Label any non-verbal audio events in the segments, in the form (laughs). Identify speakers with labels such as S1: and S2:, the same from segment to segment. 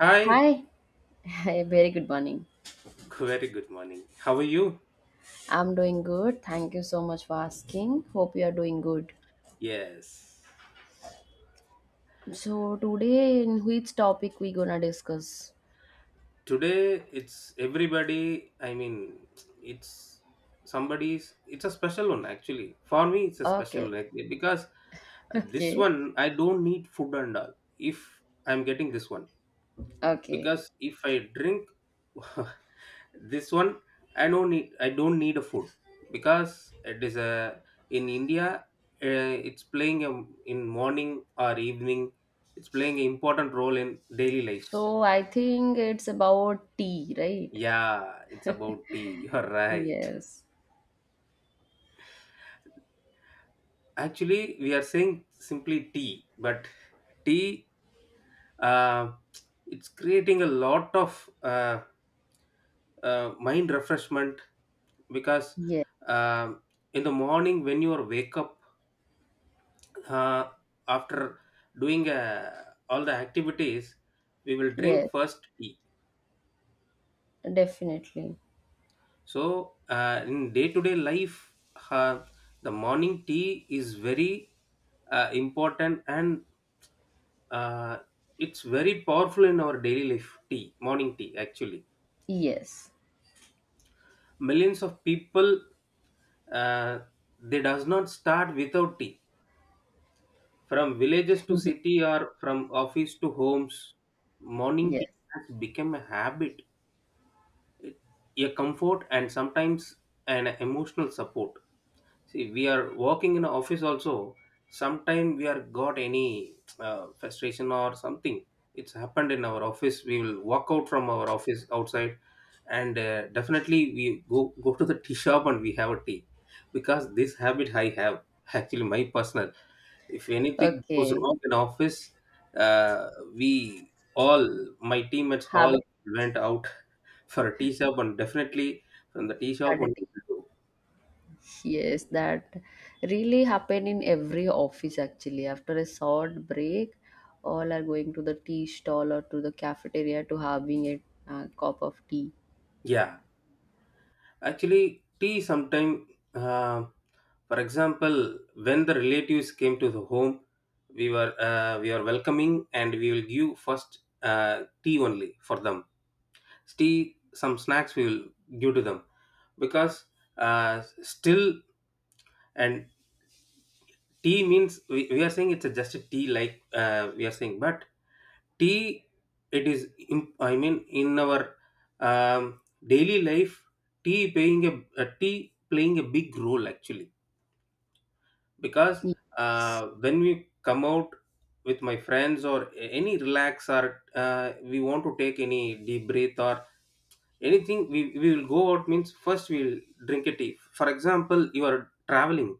S1: Hi,
S2: Hi, (laughs) a very good morning.
S1: very good morning. How are you?
S2: I'm doing good. Thank you so much for asking. Hope you are doing good.
S1: Yes.
S2: So today, in which topic we gonna discuss?
S1: Today it's everybody, I mean, it's somebody's, it's a special one actually. For me, it's a special
S2: Okay,
S1: one because
S2: (laughs)
S1: this
S2: okay,
S1: one, I don't need food and all if I'm getting this one.
S2: okay.
S1: Because if I drink, (laughs) this one I don't need a food because it is a, in India, it's playing a, in morning or evening, it's playing an important role in daily lives.
S2: So I think it's about tea, right?
S1: Yeah, it's about tea, (laughs) you're right.
S2: Yes,
S1: Actually we are saying simply tea, but tea, uh, it's creating a lot of mind refreshment, because
S2: yes,
S1: um in the morning when you are wake up, uh, after doing all the activities, we will drink
S2: yes,
S1: first tea.
S2: definitely.
S1: So in day to day life, uh, the morning tea is very important, and uh, it's very powerful in our daily life, tea, morning tea actually.
S2: Yes,
S1: Millions of people, uh, they does not start without tea, from villages to
S2: (laughs)
S1: city or from office to homes. Morning tea
S2: yes.
S1: has become a habit, a comfort, and sometimes an emotional support. See, we are working in an office also, sometime we are got any frustration or something. It's happened in our office, we will walk out from our office outside, and definitely we go to the (laughs) tea shop and we have a tea, because this habit I have. (laughs) Actually my personal, if anything goes
S2: Okay.
S1: wrong in office, uh, we all, my teammates all,
S2: Haven't
S1: went out for a tea shop, and definitely from the tea shop
S2: had a
S1: one
S2: tea.
S1: will do.
S2: Yes, that really happen in every office actually. After a short break, all are going to the tea stall or to the cafeteria to having a cup of tea.
S1: Yeah. Actually tea sometime, uh, for example when the relatives came to the home, we are welcoming, and we will give first tea only for them. Tea, some snacks we will give to them, because still, and tea means we are saying it's a just a tea like we are saying, but tea, it is in, I mean in our um, daily life, tea playing a tea playing a big role actually, because
S2: Yes,
S1: when we come out with my friends or any relax, or we want to take any deep breath or anything, we will go out means first we will drink a tea. For example, you are traveling,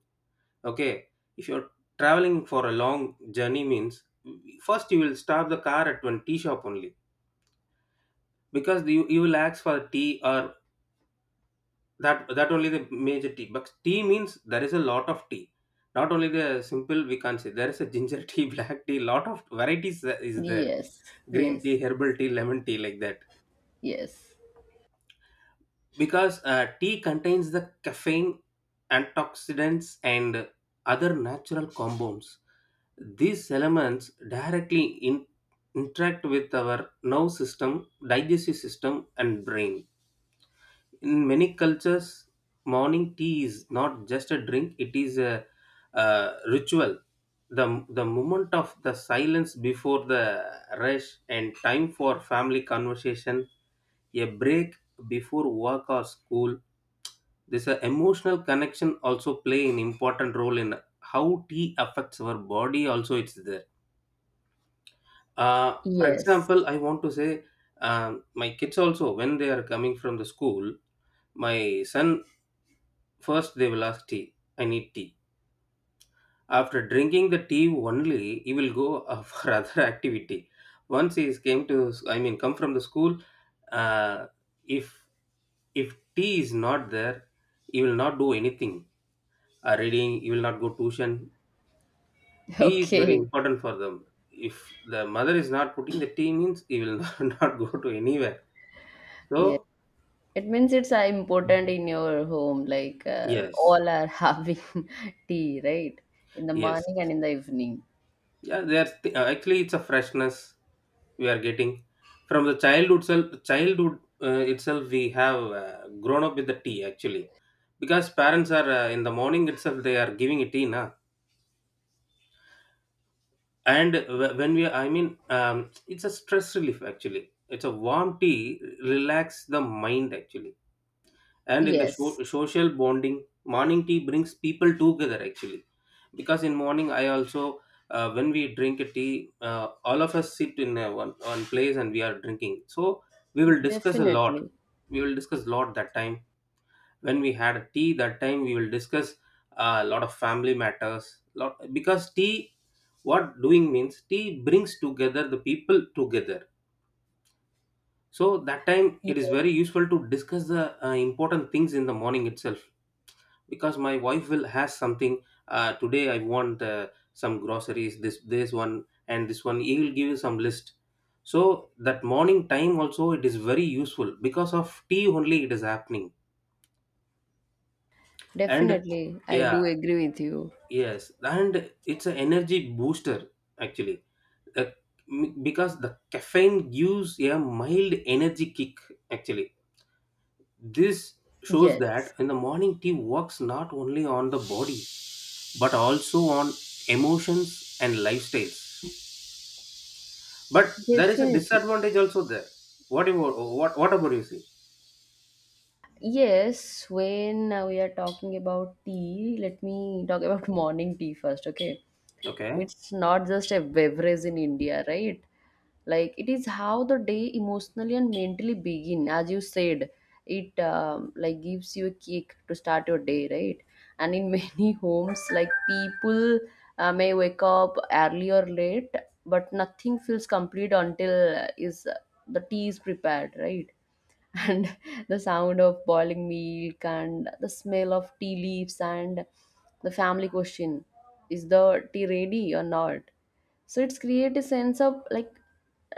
S1: okay, if you're traveling for a long journey means first you will stop the car at one tea shop only, because you will ask for tea or that only the major tea. But tea means there is a lot of tea, not only the simple, we can't say. There is a ginger (laughs) tea, black tea, lot of varieties that is there,
S2: yes,
S1: green tea,
S2: yes,
S1: herbal tea, lemon tea, like that.
S2: yes,
S1: Because tea contains the caffeine, antioxidants, and other natural compounds. These elements directly in, interact with our nerve system, digestive system, and brain. In many cultures, morning tea is not just a drink, it is a, ritual. The moment of the silence before the rush, and time for family conversation, a break before work or school. This emotional connection also play an important role in how tea affects our body also, it's there. For
S2: yes.
S1: example, I want to say my kids also, when they are coming from the school, my son, first they will ask tea. I need tea. After drinking the tea only, he will go (laughs) for other activity. Once he is came to, I mean, come from the school, uh, if if tea is not there, he will not do anything. Reading, he will not go tuition.
S2: (laughs)
S1: Tea is very
S2: Okay,
S1: important for them. If the mother is not putting the tea means he will (laughs) not, not go to anywhere.
S2: yeah.
S1: So
S2: It means it's important in your home. Like
S1: yes,
S2: all are (laughs) having tea, right? In the
S1: yes,
S2: morning and in the evening.
S1: yeah. There's actually it's a freshness we are getting from the childhood self, childhood itself. We have grown up with the tea actually, because parents are in the morning itself they are giving a tea na. And when we, I mean, it's a stress relief actually. It's a warm tea relax the mind actually, and in the
S2: Yes,
S1: social bonding, morning tea brings people together actually, because in morning I also when we drink a tea, all of us sit in one place and we are drinking. So we will discuss a lot.
S2: definitely.
S1: We will discuss a lot that time. When we had a tea, that time we will discuss a lot of family matters, lot, because tea, what doing means, tea brings together the people together. So that time it is very useful to discuss the important things in the morning itself, because my wife will has something. Today I want some groceries, this one, and this one, he will give you some list. So that morning time also it is very useful because of tea only it is happening. And
S2: Definitely, I
S1: yeah,
S2: do agree with you.
S1: yes, and it's an energy booster actually. Uh, because the caffeine gives a mild energy kick actually. This shows that
S2: Yes,
S1: in the morning, tea works not only on the body, but also on emotions and lifestyles. But there is a
S2: definitely.
S1: disadvantage also there. What about, what about you see?
S2: Yes, when we are talking about tea, let me talk about (laughs) morning tea first, okay?
S1: Okay.
S2: It's not just a beverage in India, right? Like it is how the day emotionally and mentally begin, as you said. It like gives you a kick to start your day, right? And in many (laughs) homes, like, people may wake up early or late, but nothing feels complete until is the tea is prepared, right? (laughs) And the sound of boiling milk and the smell of tea leaves, and the family question, is the tea ready or not? So it's create a sense of, like,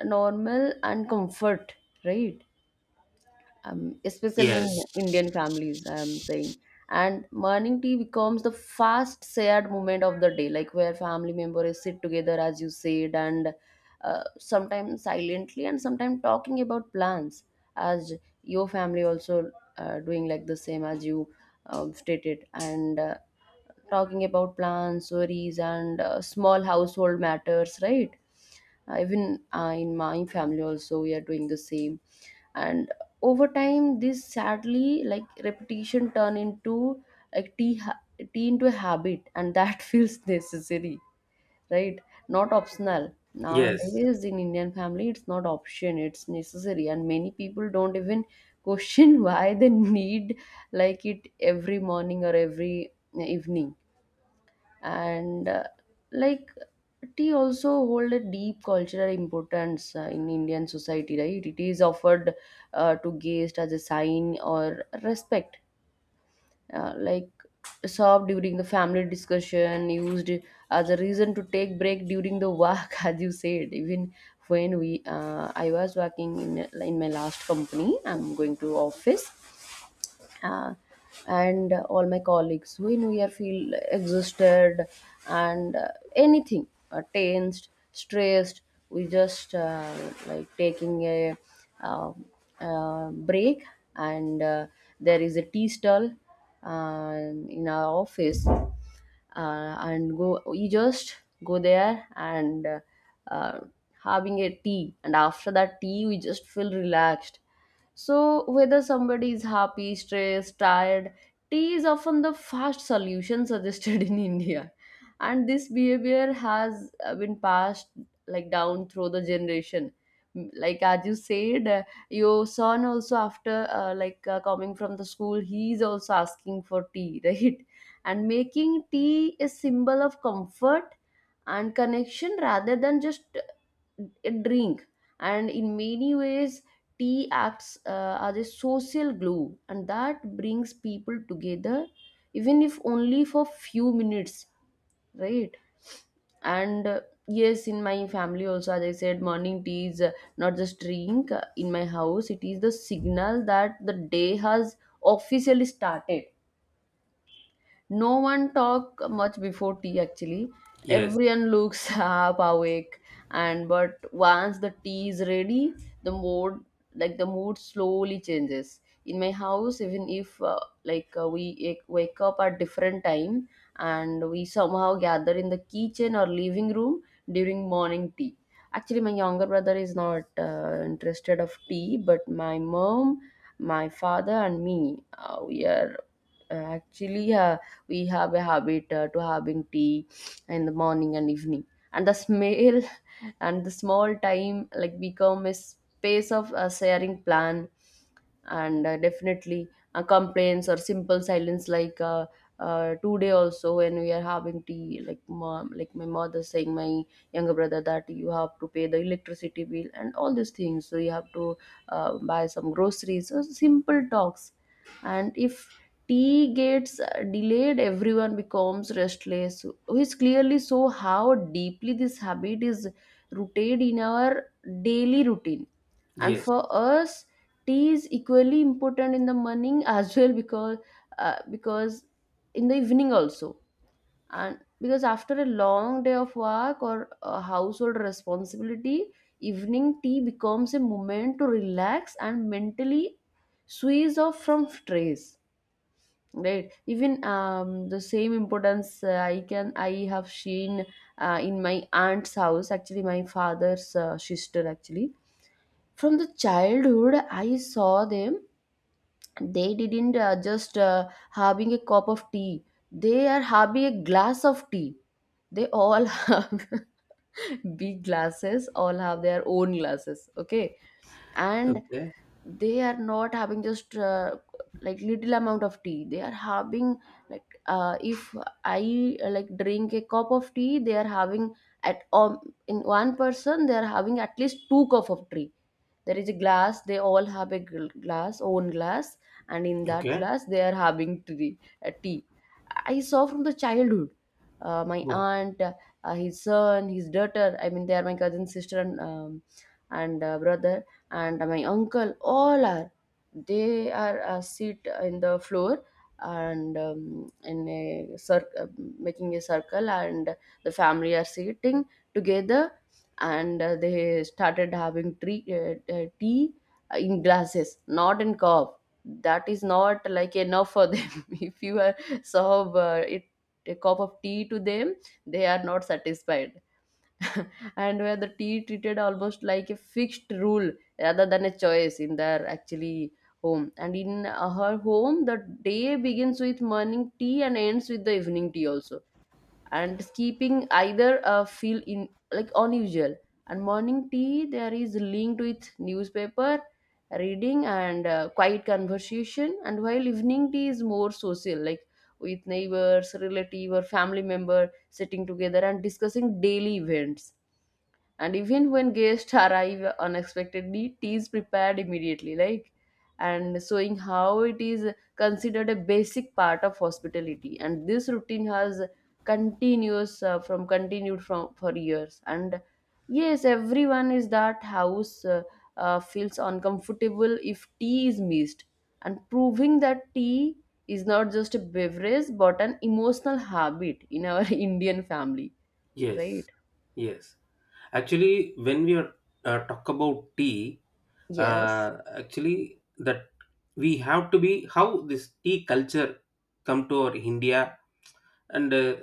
S2: normal and comfort, right? Especially in
S1: Yes.
S2: Indian families, I'm saying. And morning tea becomes the fast shared moment of the day, like where family members sit together, as you said, and sometimes silently and sometimes talking about plans, as your family also doing like the same as you stated, and talking about plans, worries, and small household matters, right? Even in my family also we are doing the same, and over time this sadly like repetition turn into, like, tea, tea into a habit, and that (laughs) feels necessary, right? Not optional.
S1: Yes.
S2: Nowadays in Indian family, it's not option, it's necessary, and many people don't even question (laughs) why they need, like, it every morning or every evening. And like tea also hold a deep cultural importance in Indian society, right? It is offered to guest as a sign or respect, like served during the family discussion, used as a reason to take break during the work, (laughs) as you said. Even when we I was working in my last company, I'm going to office, uh, and all my colleagues, when we are feel exhausted and anything tensed, stressed, we just like taking a uh, break, and there is a tea stall uh, in our office, and go we just go there and uh, having a tea, and after that tea we just feel relaxed. So, whether somebody is happy, stressed, tired, tea is often the fast solution suggested in (laughs) India. And this behavior has been passed, like, down through the generation. Like as you said, your son also after like coming from the school, he is also asking for tea, (laughs) right? And making tea a symbol of comfort and connection rather than just a drink. And in many ways tea acts as a social glue, and that brings people together even if only for few minutes, right? And yes, in my family also, as I said, morning tea is not just drink. In my house it is the signal that the day has officially started. No one talk much before tea, actually.
S1: Yes.
S2: Everyone looks (laughs) half awake, and but once the tea is ready, the mood the mood slowly changes. In my house, even if like we wake up at different time, and we somehow gather in the kitchen or living room during morning tea. Actually, my younger brother is not interested of tea, but my mom, my father, and me, we are, actually, we have a habit to having tea in the morning and evening. And the smell (laughs) and the small time, like, become a space of sharing plan and definitely complaints or simple silence, like today also when we are having tea, like, mom, like my mother saying my younger brother that you have to pay the electricity bill and all these things, so you have to buy some groceries, so simple talks. And if tea gets delayed, everyone becomes restless, which clearly show how deeply this habit is rooted in our daily routine. And
S1: Yes.
S2: for us, tea is equally important in the morning (laughs) as well, because in the evening also, and because after a long day of work or a household responsibility, evening tea becomes a moment to relax and mentally switch off from stress. Right. Even the same importance I have seen in my aunt's house. Actually, my father's sister. Actually, from the childhood, I saw them. They didn't just having a cup of tea. They are having a glass of tea. They all (laughs) have big glasses. All have their own glasses. Okay, and
S1: Okay.
S2: they are not having just like little amount of tea. They are having, like, if I like drink a cup of tea, they are having at in one person they are having at least two cup of tea. There is a glass, they all have a glass, own glass, and in that
S1: Okay.
S2: glass they are having tea, tea. I saw from the childhood my
S1: Oh.
S2: aunt, his son, his daughter, I mean, they are my cousin sister and brother and my uncle, all are, they are sit in the floor and in a circle, making a circle, and the family are sitting together, and they started having tea in glasses, not in cup. That is not, like, enough for them. (laughs) If you are serve it a cup of tea to them, they are not satisfied, and where the tea treated almost like a fixed rule rather than a choice in their, actually, home. And in her home the day begins with morning tea and ends with the evening tea also, and skipping either feel in, like, unusual. And morning tea there is linked with newspaper reading and quiet conversation, and while evening tea is more social, like with neighbors, relative, or family member sitting together and discussing daily events, and even when guests arrive unexpectedly tea is prepared immediately, like, and showing how it is considered a basic part of hospitality. And this routine has continuous from continued from for years, and yes, everyone is that house, feels uncomfortable if tea is missed, and proving that tea is not just a beverage but an emotional habit in our (laughs) Indian family,
S1: Yes.
S2: right?
S1: Yes. Actually, when we are talk about tea,
S2: Yes.
S1: actually that, we have to be how this tea culture come to our India, and uh,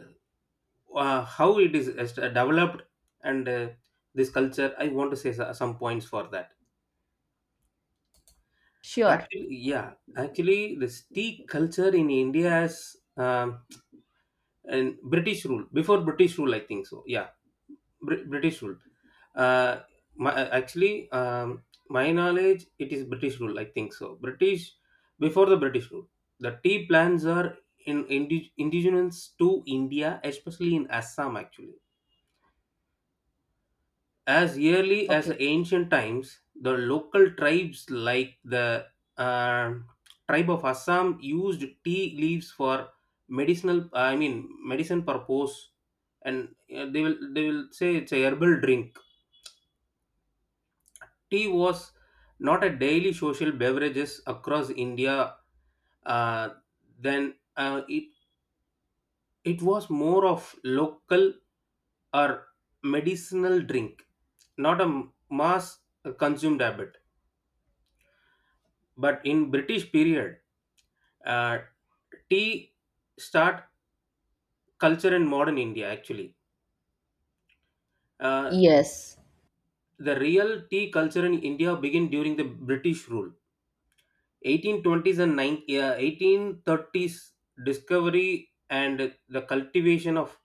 S1: uh, how it is developed, and this culture I want to say some points for that.
S2: Sure.
S1: Actually yeah, actually this tea culture in India is, and British rule, before British rule I think so, yeah. British rule, uh, my, actually my knowledge it is British rule I think so, British, before the British rule, the tea plants are in, indigenous to India, especially in Assam actually. As early as
S2: Okay.
S1: ancient times, the local tribes like the uh, tribe of Assam used tea leaves for medicinal, I mean, medicine purpose, and they will say it's a herbal drink. Tea was not a daily social beverages across India. Uh, then it was more of local or medicinal drink, not a mass consumed habit. But in British period, uh, tea start culture in modern India actually. Uh,
S2: Yes.
S1: the real tea culture in India began during the British rule. 1820s and 9, 1830s, discovery and the cultivation of,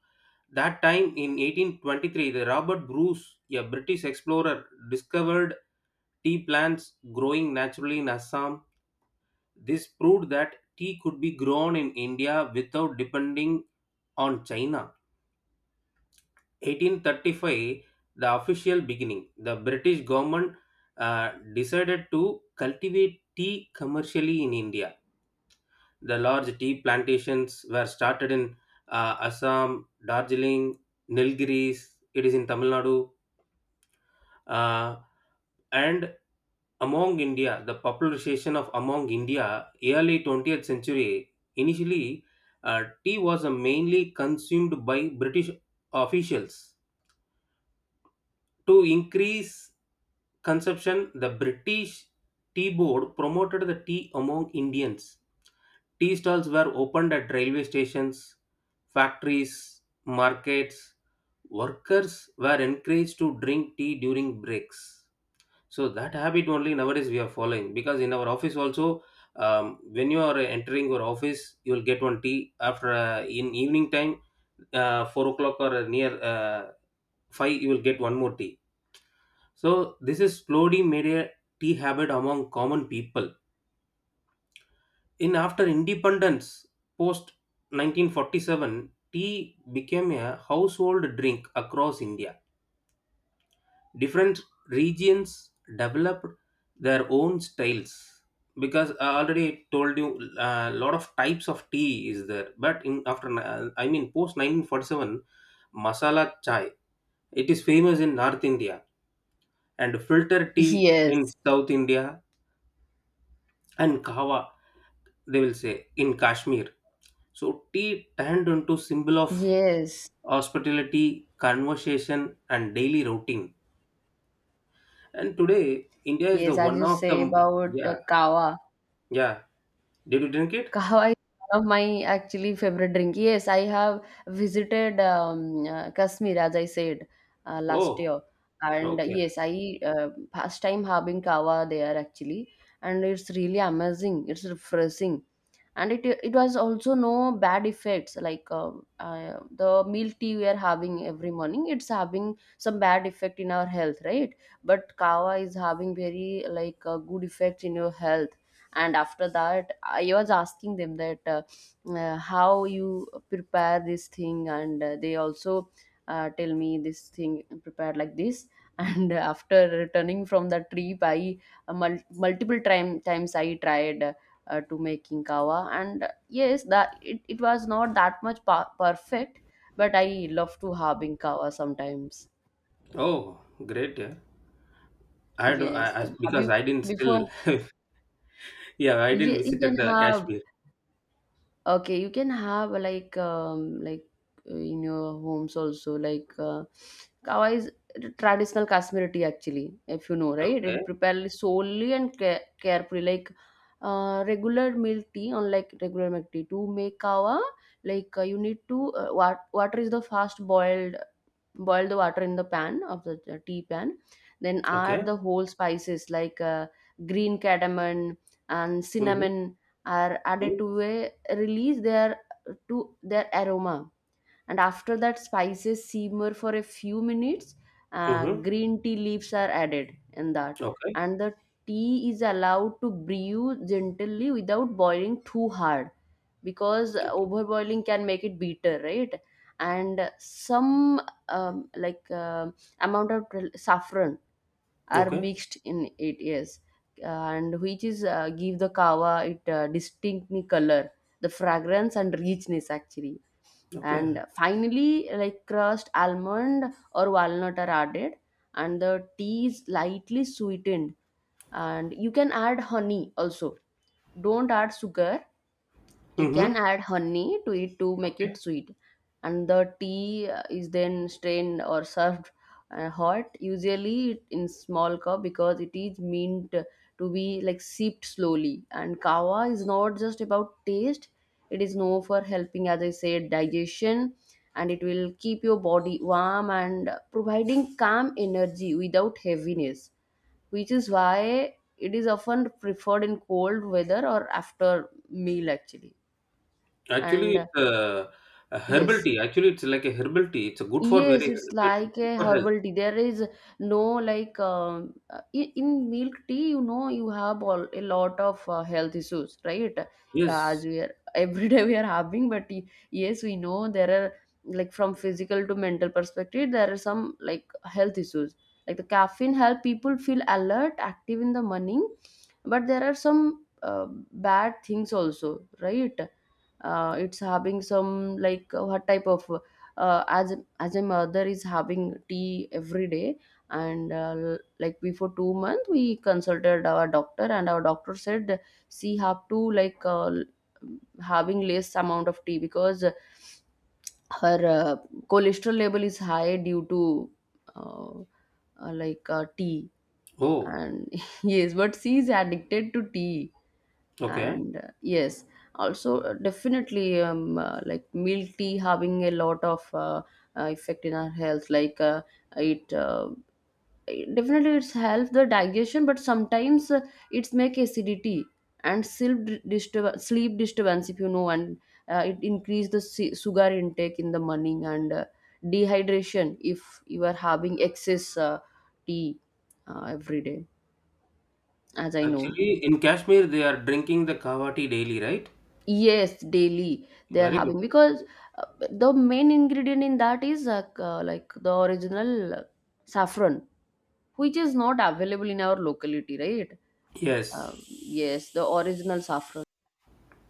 S1: that time in 1823, the Robert Bruce, a British explorer, discovered tea plants growing naturally in Assam. This proved that tea could be grown in India without depending on China. 1835, the official beginning. The British government decided to cultivate tea commercially in India. The large tea plantations were started in Assam, Darjeeling, Nilgiris. It is in Tamil Nadu. Uh, and among India, the popularization of among India, early 20th century, initially tea was mainly consumed by British officials. To increase consumption, the British Tea Board promoted the tea among Indians. Tea stalls were opened at railway stations, factories, markets. Workers were encouraged to drink tea during breaks. So that habit only nowadays we are following, because in our office also, when you are entering your office, you will get one tea, after in evening time, 4 o'clock or near five, you will get one more tea. So this is slowly made a tea habit among common people. In after independence, post 1947, tea became a household drink across India. Different regions developed their own styles, because I already told you a lot of types of tea is there. But in after I mean post 1947, masala chai, it is famous in North India, and filter tea in
S2: Yes.
S1: South India, and kava they will say in Kashmir. So tea turned into symbol of
S2: Yes.
S1: hospitality, conversation, and daily routine. And today, India is the
S2: Yes. As
S1: one
S2: you
S1: of
S2: say
S1: the.
S2: about
S1: Yeah,
S2: kava,
S1: yeah. Did you drink it?
S2: kahwa is one of my, actually, favorite drink. Yes, I have visited Kashmir as I said last
S1: Oh,
S2: year, and
S1: okay.
S2: yes, I first time having kahwa there actually, and it's really amazing. It's refreshing, and it was also no bad effects, like the milk tea we are having every morning. It's having some bad effect in our health, right? But kahwa is having very like a good effect in your health. And after that I was asking them that how you prepare this thing, and they also tell me this thing prepared like this (laughs) and after returning from the trip I multiple times I tried to making kawa. And yes, it was not that much perfect, but I love to having kawa sometimes.
S1: Oh, great. Yeah. I don't,
S2: Yes,
S1: I
S2: and have
S1: because
S2: you
S1: I didn't still.
S2: before?
S1: (laughs) Yeah, I didn't
S2: Yeah, you
S1: visited
S2: can
S1: the
S2: have.
S1: Kashmir.
S2: Okay, you can have in your homes also, like kawa is traditional kashmiri tea actually, if you know, right?
S1: Okay,
S2: It prepared solely and carefully, like regular milk tea. Unlike regular milk tea, to make kawa, like you need to water is the fast boiled, boil the water in the pan of the tea pan, then
S1: okay.
S2: add the whole spices like green cardamom and
S1: Mm-hmm.
S2: cinnamon are added
S1: Mm-hmm.
S2: to a release their to their aroma. And after that spices simmer for a few minutes,
S1: Mm-hmm.
S2: green tea leaves are added in that,
S1: Okay,
S2: and the tea is allowed to brew gently without boiling too hard, because
S1: okay,
S2: overboiling can make it bitter, right? And some um, like um amount of saffron are
S1: okay,
S2: mixed in it. Yes. And which is give the kava it distinct color, the fragrance and richness actually.
S1: okay.
S2: And finally, like crushed almond or walnut are added, and the tea is lightly sweetened, and you can add honey also. Don't add sugar. You
S1: Mm-hmm.
S2: can add honey to it to make
S1: Okay.
S2: it sweet. And the tea is then strained or served hot, usually in small cup, because it is meant to be like sipped slowly. And kava is not just about taste, it is known for helping, as I said, digestion, and it will keep your body warm and providing calm energy without heaviness, which is why it is often preferred in cold weather or after meal actually.
S1: Actually,
S2: And
S1: it's a herbal
S2: yes.
S1: tea. Actually, it's like a herbal tea. It's a good for
S2: Yes,
S1: very
S2: it's
S1: good
S2: like a
S1: for health.
S2: herbal tea. There is no, like in milk tea, you know, you have all, a lot of health issues, right? As
S1: Yes.
S2: we are (laughs) every day we are having, but yes, we know there are like from physical to mental perspective, there are some like health issues. Like the caffeine help people feel alert, active in the morning, but there are some bad things also, right? It's having some like what type of uh, as as a mother is having tea every day. And like before 2 months we consulted our doctor, and our doctor said she have to like having less amount of tea because her cholesterol level is high due to uh, tea.
S1: Oh,
S2: And (laughs) yes, but she is addicted to tea.
S1: okay.
S2: And yes, also definitely like milk tea having a lot of effect in our health, like it, uh, it definitely it's help the digestion, but sometimes it's make acidity and sleep sleep disturbance, if you know. And it increase the sugar intake in the morning, and dehydration if you are having excess tea every day, as I know.
S1: Actually, in Kashmir, they are drinking the kava tea daily, right?
S2: Yes, daily they are
S1: Very good.
S2: having, because uh, the main ingredient in that is like the original saffron, which is not available in our locality, right?
S1: Yes.
S2: Yes, the original saffron.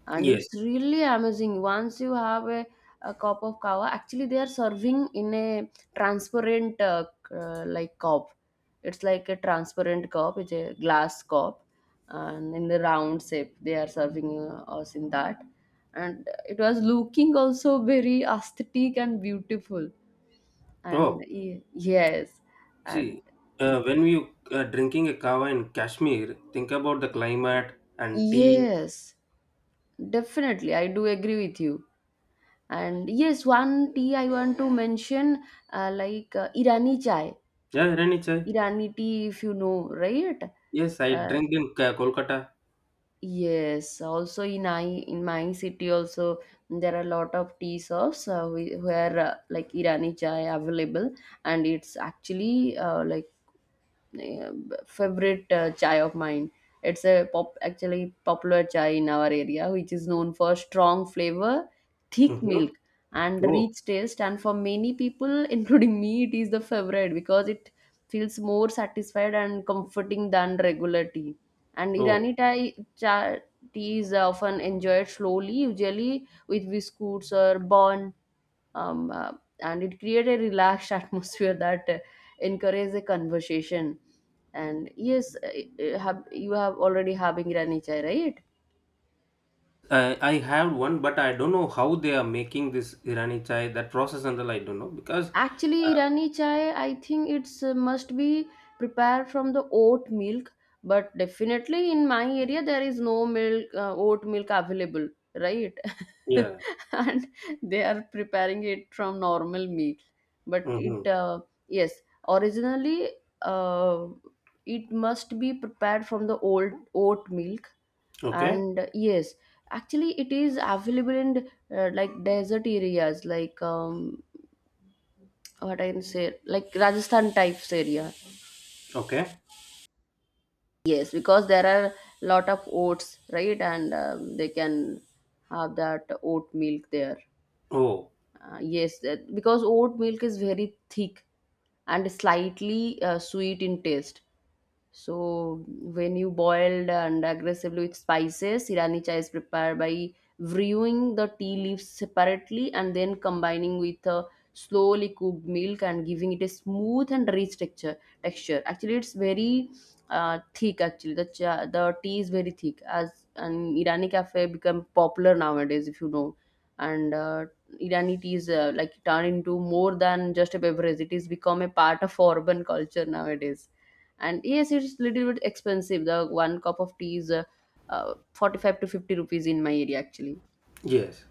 S2: And
S1: Yes.
S2: it's really amazing once you have a cup of kava. Actually, they are serving in a transparent like cup. It's like a transparent cup, it's a glass cup. And in the round shape they are serving us in that, and it was looking also very aesthetic and beautiful.
S1: Oh,
S2: And yes. And
S1: see, when you are drinking a kava in Kashmir, think about the climate and tea.
S2: yes, definitely I do agree with you. And yes, one tea I want to mention, Irani chai,
S1: Yeah, Rani chai.
S2: Irani tea, if you know, right?
S1: Yes, I
S2: Uh,
S1: drink in Kolkata.
S2: yes, also in my city also there are a lot of tea shops where like Irani chai available, and it's actually uh, favorite chai of mine. It's a popular chai in our area, which is known for strong flavor, thick
S1: Mm-hmm.
S2: milk, and
S1: Oh,
S2: rich taste. And for many people, (laughs) including me, it is the favorite because it feels more satisfied and comforting than regular tea. And
S1: oh.
S2: Irani Thai tea is often enjoyed slowly, usually with biscuits or bun, um, uh, and it created a relaxed (laughs) atmosphere that encouraged the conversation. And yes, you have already having ranichai, right?
S1: I have one, but I don't know how they are making this Irani chai. That process and all I don't know because, uh,
S2: Actually, Irani chai, I think it's must be prepared from the oat milk, but definitely in my area there is no milk oat milk available, right?
S1: yeah.
S2: (laughs) And they are preparing it from normal milk. But
S1: Hmm.
S2: it yes, originally uh, it must be prepared from the old oat milk.
S1: Okay.
S2: And yes, actually it is available in like desert areas, like what I can say, like Rajasthan types area.
S1: Okay.
S2: Yes, because there are lot of oats, right? And they can have that oat milk there.
S1: Oh,
S2: Yes, that, because oat milk is very thick and slightly sweet in taste. So when you boiled and aggressively with spices, Irani chai is prepared by brewing the tea leaves separately and then combining with a slowly cooked milk, and giving it a smooth and rich texture. Texture actually, it's very thick. Actually, the the tea is very thick. As an Irani cafe become popular nowadays, if you know, and Irani tea is like turned into more than just a beverage. It is become a part of urban culture nowadays. And yes, it's little bit expensive, the one cup of tea is 45 to 50 rupees in my area actually.
S1: yes.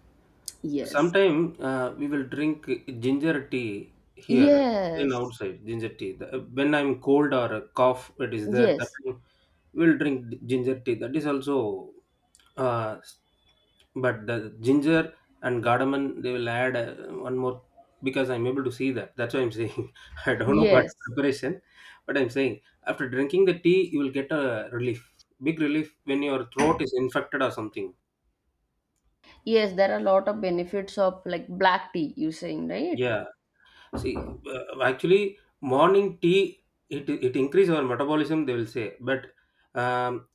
S2: Yes,
S1: Sometime we will drink ginger tea here, in
S2: yes,
S1: outside ginger tea. The- When I'm cold or a cough, it is there. That
S2: yes,
S1: time we'll drink ginger tea. That is also uh, but the ginger and cardamom, they will add one more, because I'm able to see that. That's why I'm saying. (laughs) I don't know about
S2: yes,
S1: preparation, but I'm saying after drinking the tea, you will get a relief, big relief when your throat is infected or something.
S2: yes, there are a lot of benefits of like black tea, you saying, right?
S1: Yeah. See, actually, morning tea, it increase our metabolism, they will say, but um,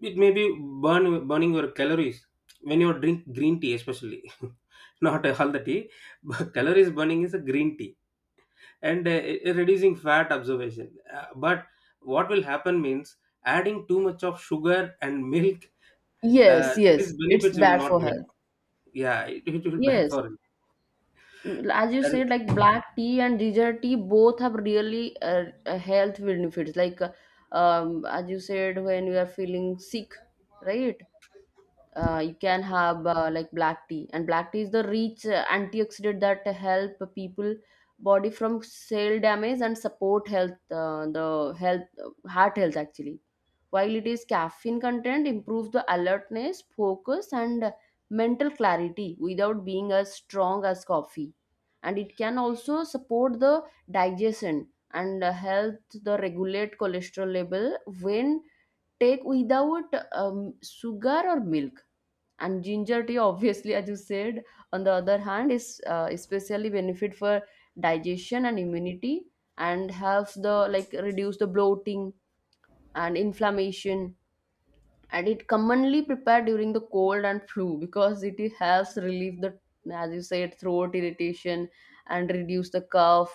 S1: it may be burning your calories when you drink green tea, especially, (laughs) not all the tea, but calories burning is a green tea, and reducing fat observation. But what will happen means adding too much of sugar and milk,
S2: Yes,
S1: these
S2: yes, it's
S1: benefits you will
S2: bad
S1: not
S2: for
S1: get.
S2: health.
S1: Yeah, it will be bad
S2: Yes,
S1: for you.
S2: as you
S1: That is-
S2: said, like black tea and ginger tea both have really health benefits, like as you said, when you are feeling sick, right? You can have like black tea. And black tea is the rich antioxidant that help people body from cell damage and support health, the health heart health actually, while it is caffeine content improves the alertness, focus and mental clarity without being as strong as coffee. And it can also support the digestion and help the regulate cholesterol level when take without sugar or milk. And ginger tea, obviously, as you said, on the other hand, is especially benefit for digestion and immunity, and helps the like reduce the bloating and inflammation. And it commonly prepared during the cold and flu, because it has relieved the, as you said, throat irritation, and reduce the cough.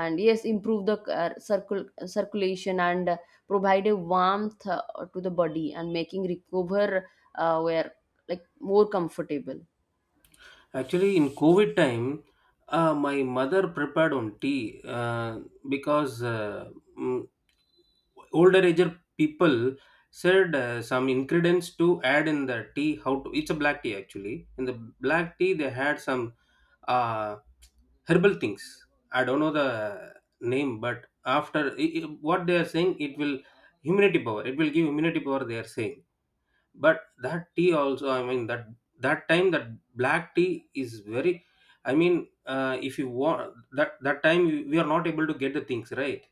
S2: And yes, improve the circulation and provide a warmth to the body and making recover where like more comfortable.
S1: Actually, in COVID time, my mother prepared on tea because mm, older ager people said some ingredients to add in the tea. How to? It's a black tea actually. In the black tea, they had some uh, herbal things, I don't know the name, but after what they are saying, it will immunity power, it will give immunity power they are saying. But that tea also, I mean that, that time that black tea is very, I mean, if you want that, that time we are not able to get the things, right?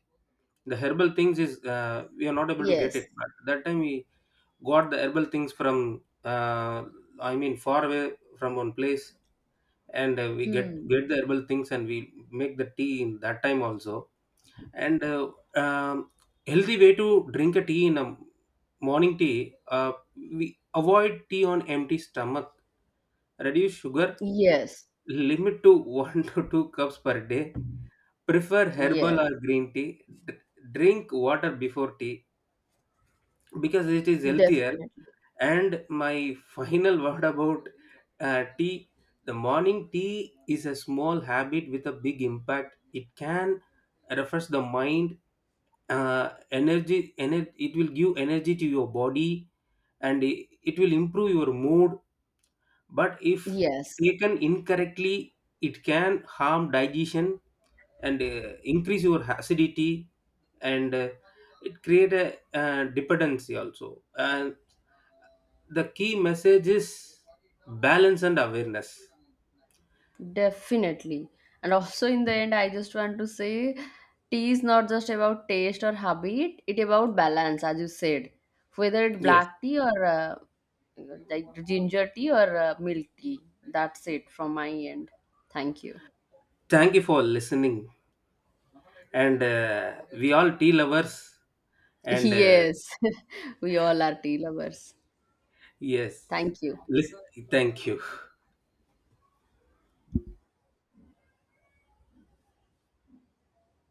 S1: The herbal things is we are not able to get
S2: Yes.
S1: it, but that time we got the herbal things from uh, I mean far away from one place, and we get
S2: Hmm.
S1: get the herbal things, and we make the tea in that time also. And um, healthy way to drink a tea in a morning tea, we avoid tea on empty stomach, reduce sugar,
S2: Yes,
S1: limit to (laughs) 1 to 2 cups per day, prefer herbal or
S2: yes,
S1: green tea, drink water before tea, because it is healthier.
S2: definitely.
S1: And my final (laughs) word about tea, the morning tea is a small habit with a big impact. It can refresh the mind, it will give energy to your body, and it will improve your mood. But if
S2: Yes.
S1: taken incorrectly, it can harm digestion, and increase your acidity, and it create a dependency also, and the key message is balance and awareness.
S2: Definitely. And also in the end, I just want to say tea is not just about taste or habit, it about balance, as you said. Whether it's
S1: Yes.
S2: black tea, or like ginger tea, or milk tea. That's it from my end. Thank you.
S1: Thank you for listening. And we all tea lovers.
S2: (laughs)
S1: And
S2: Yes, (laughs) we all are tea lovers.
S1: yes,
S2: Thank you.
S1: listen, thank you.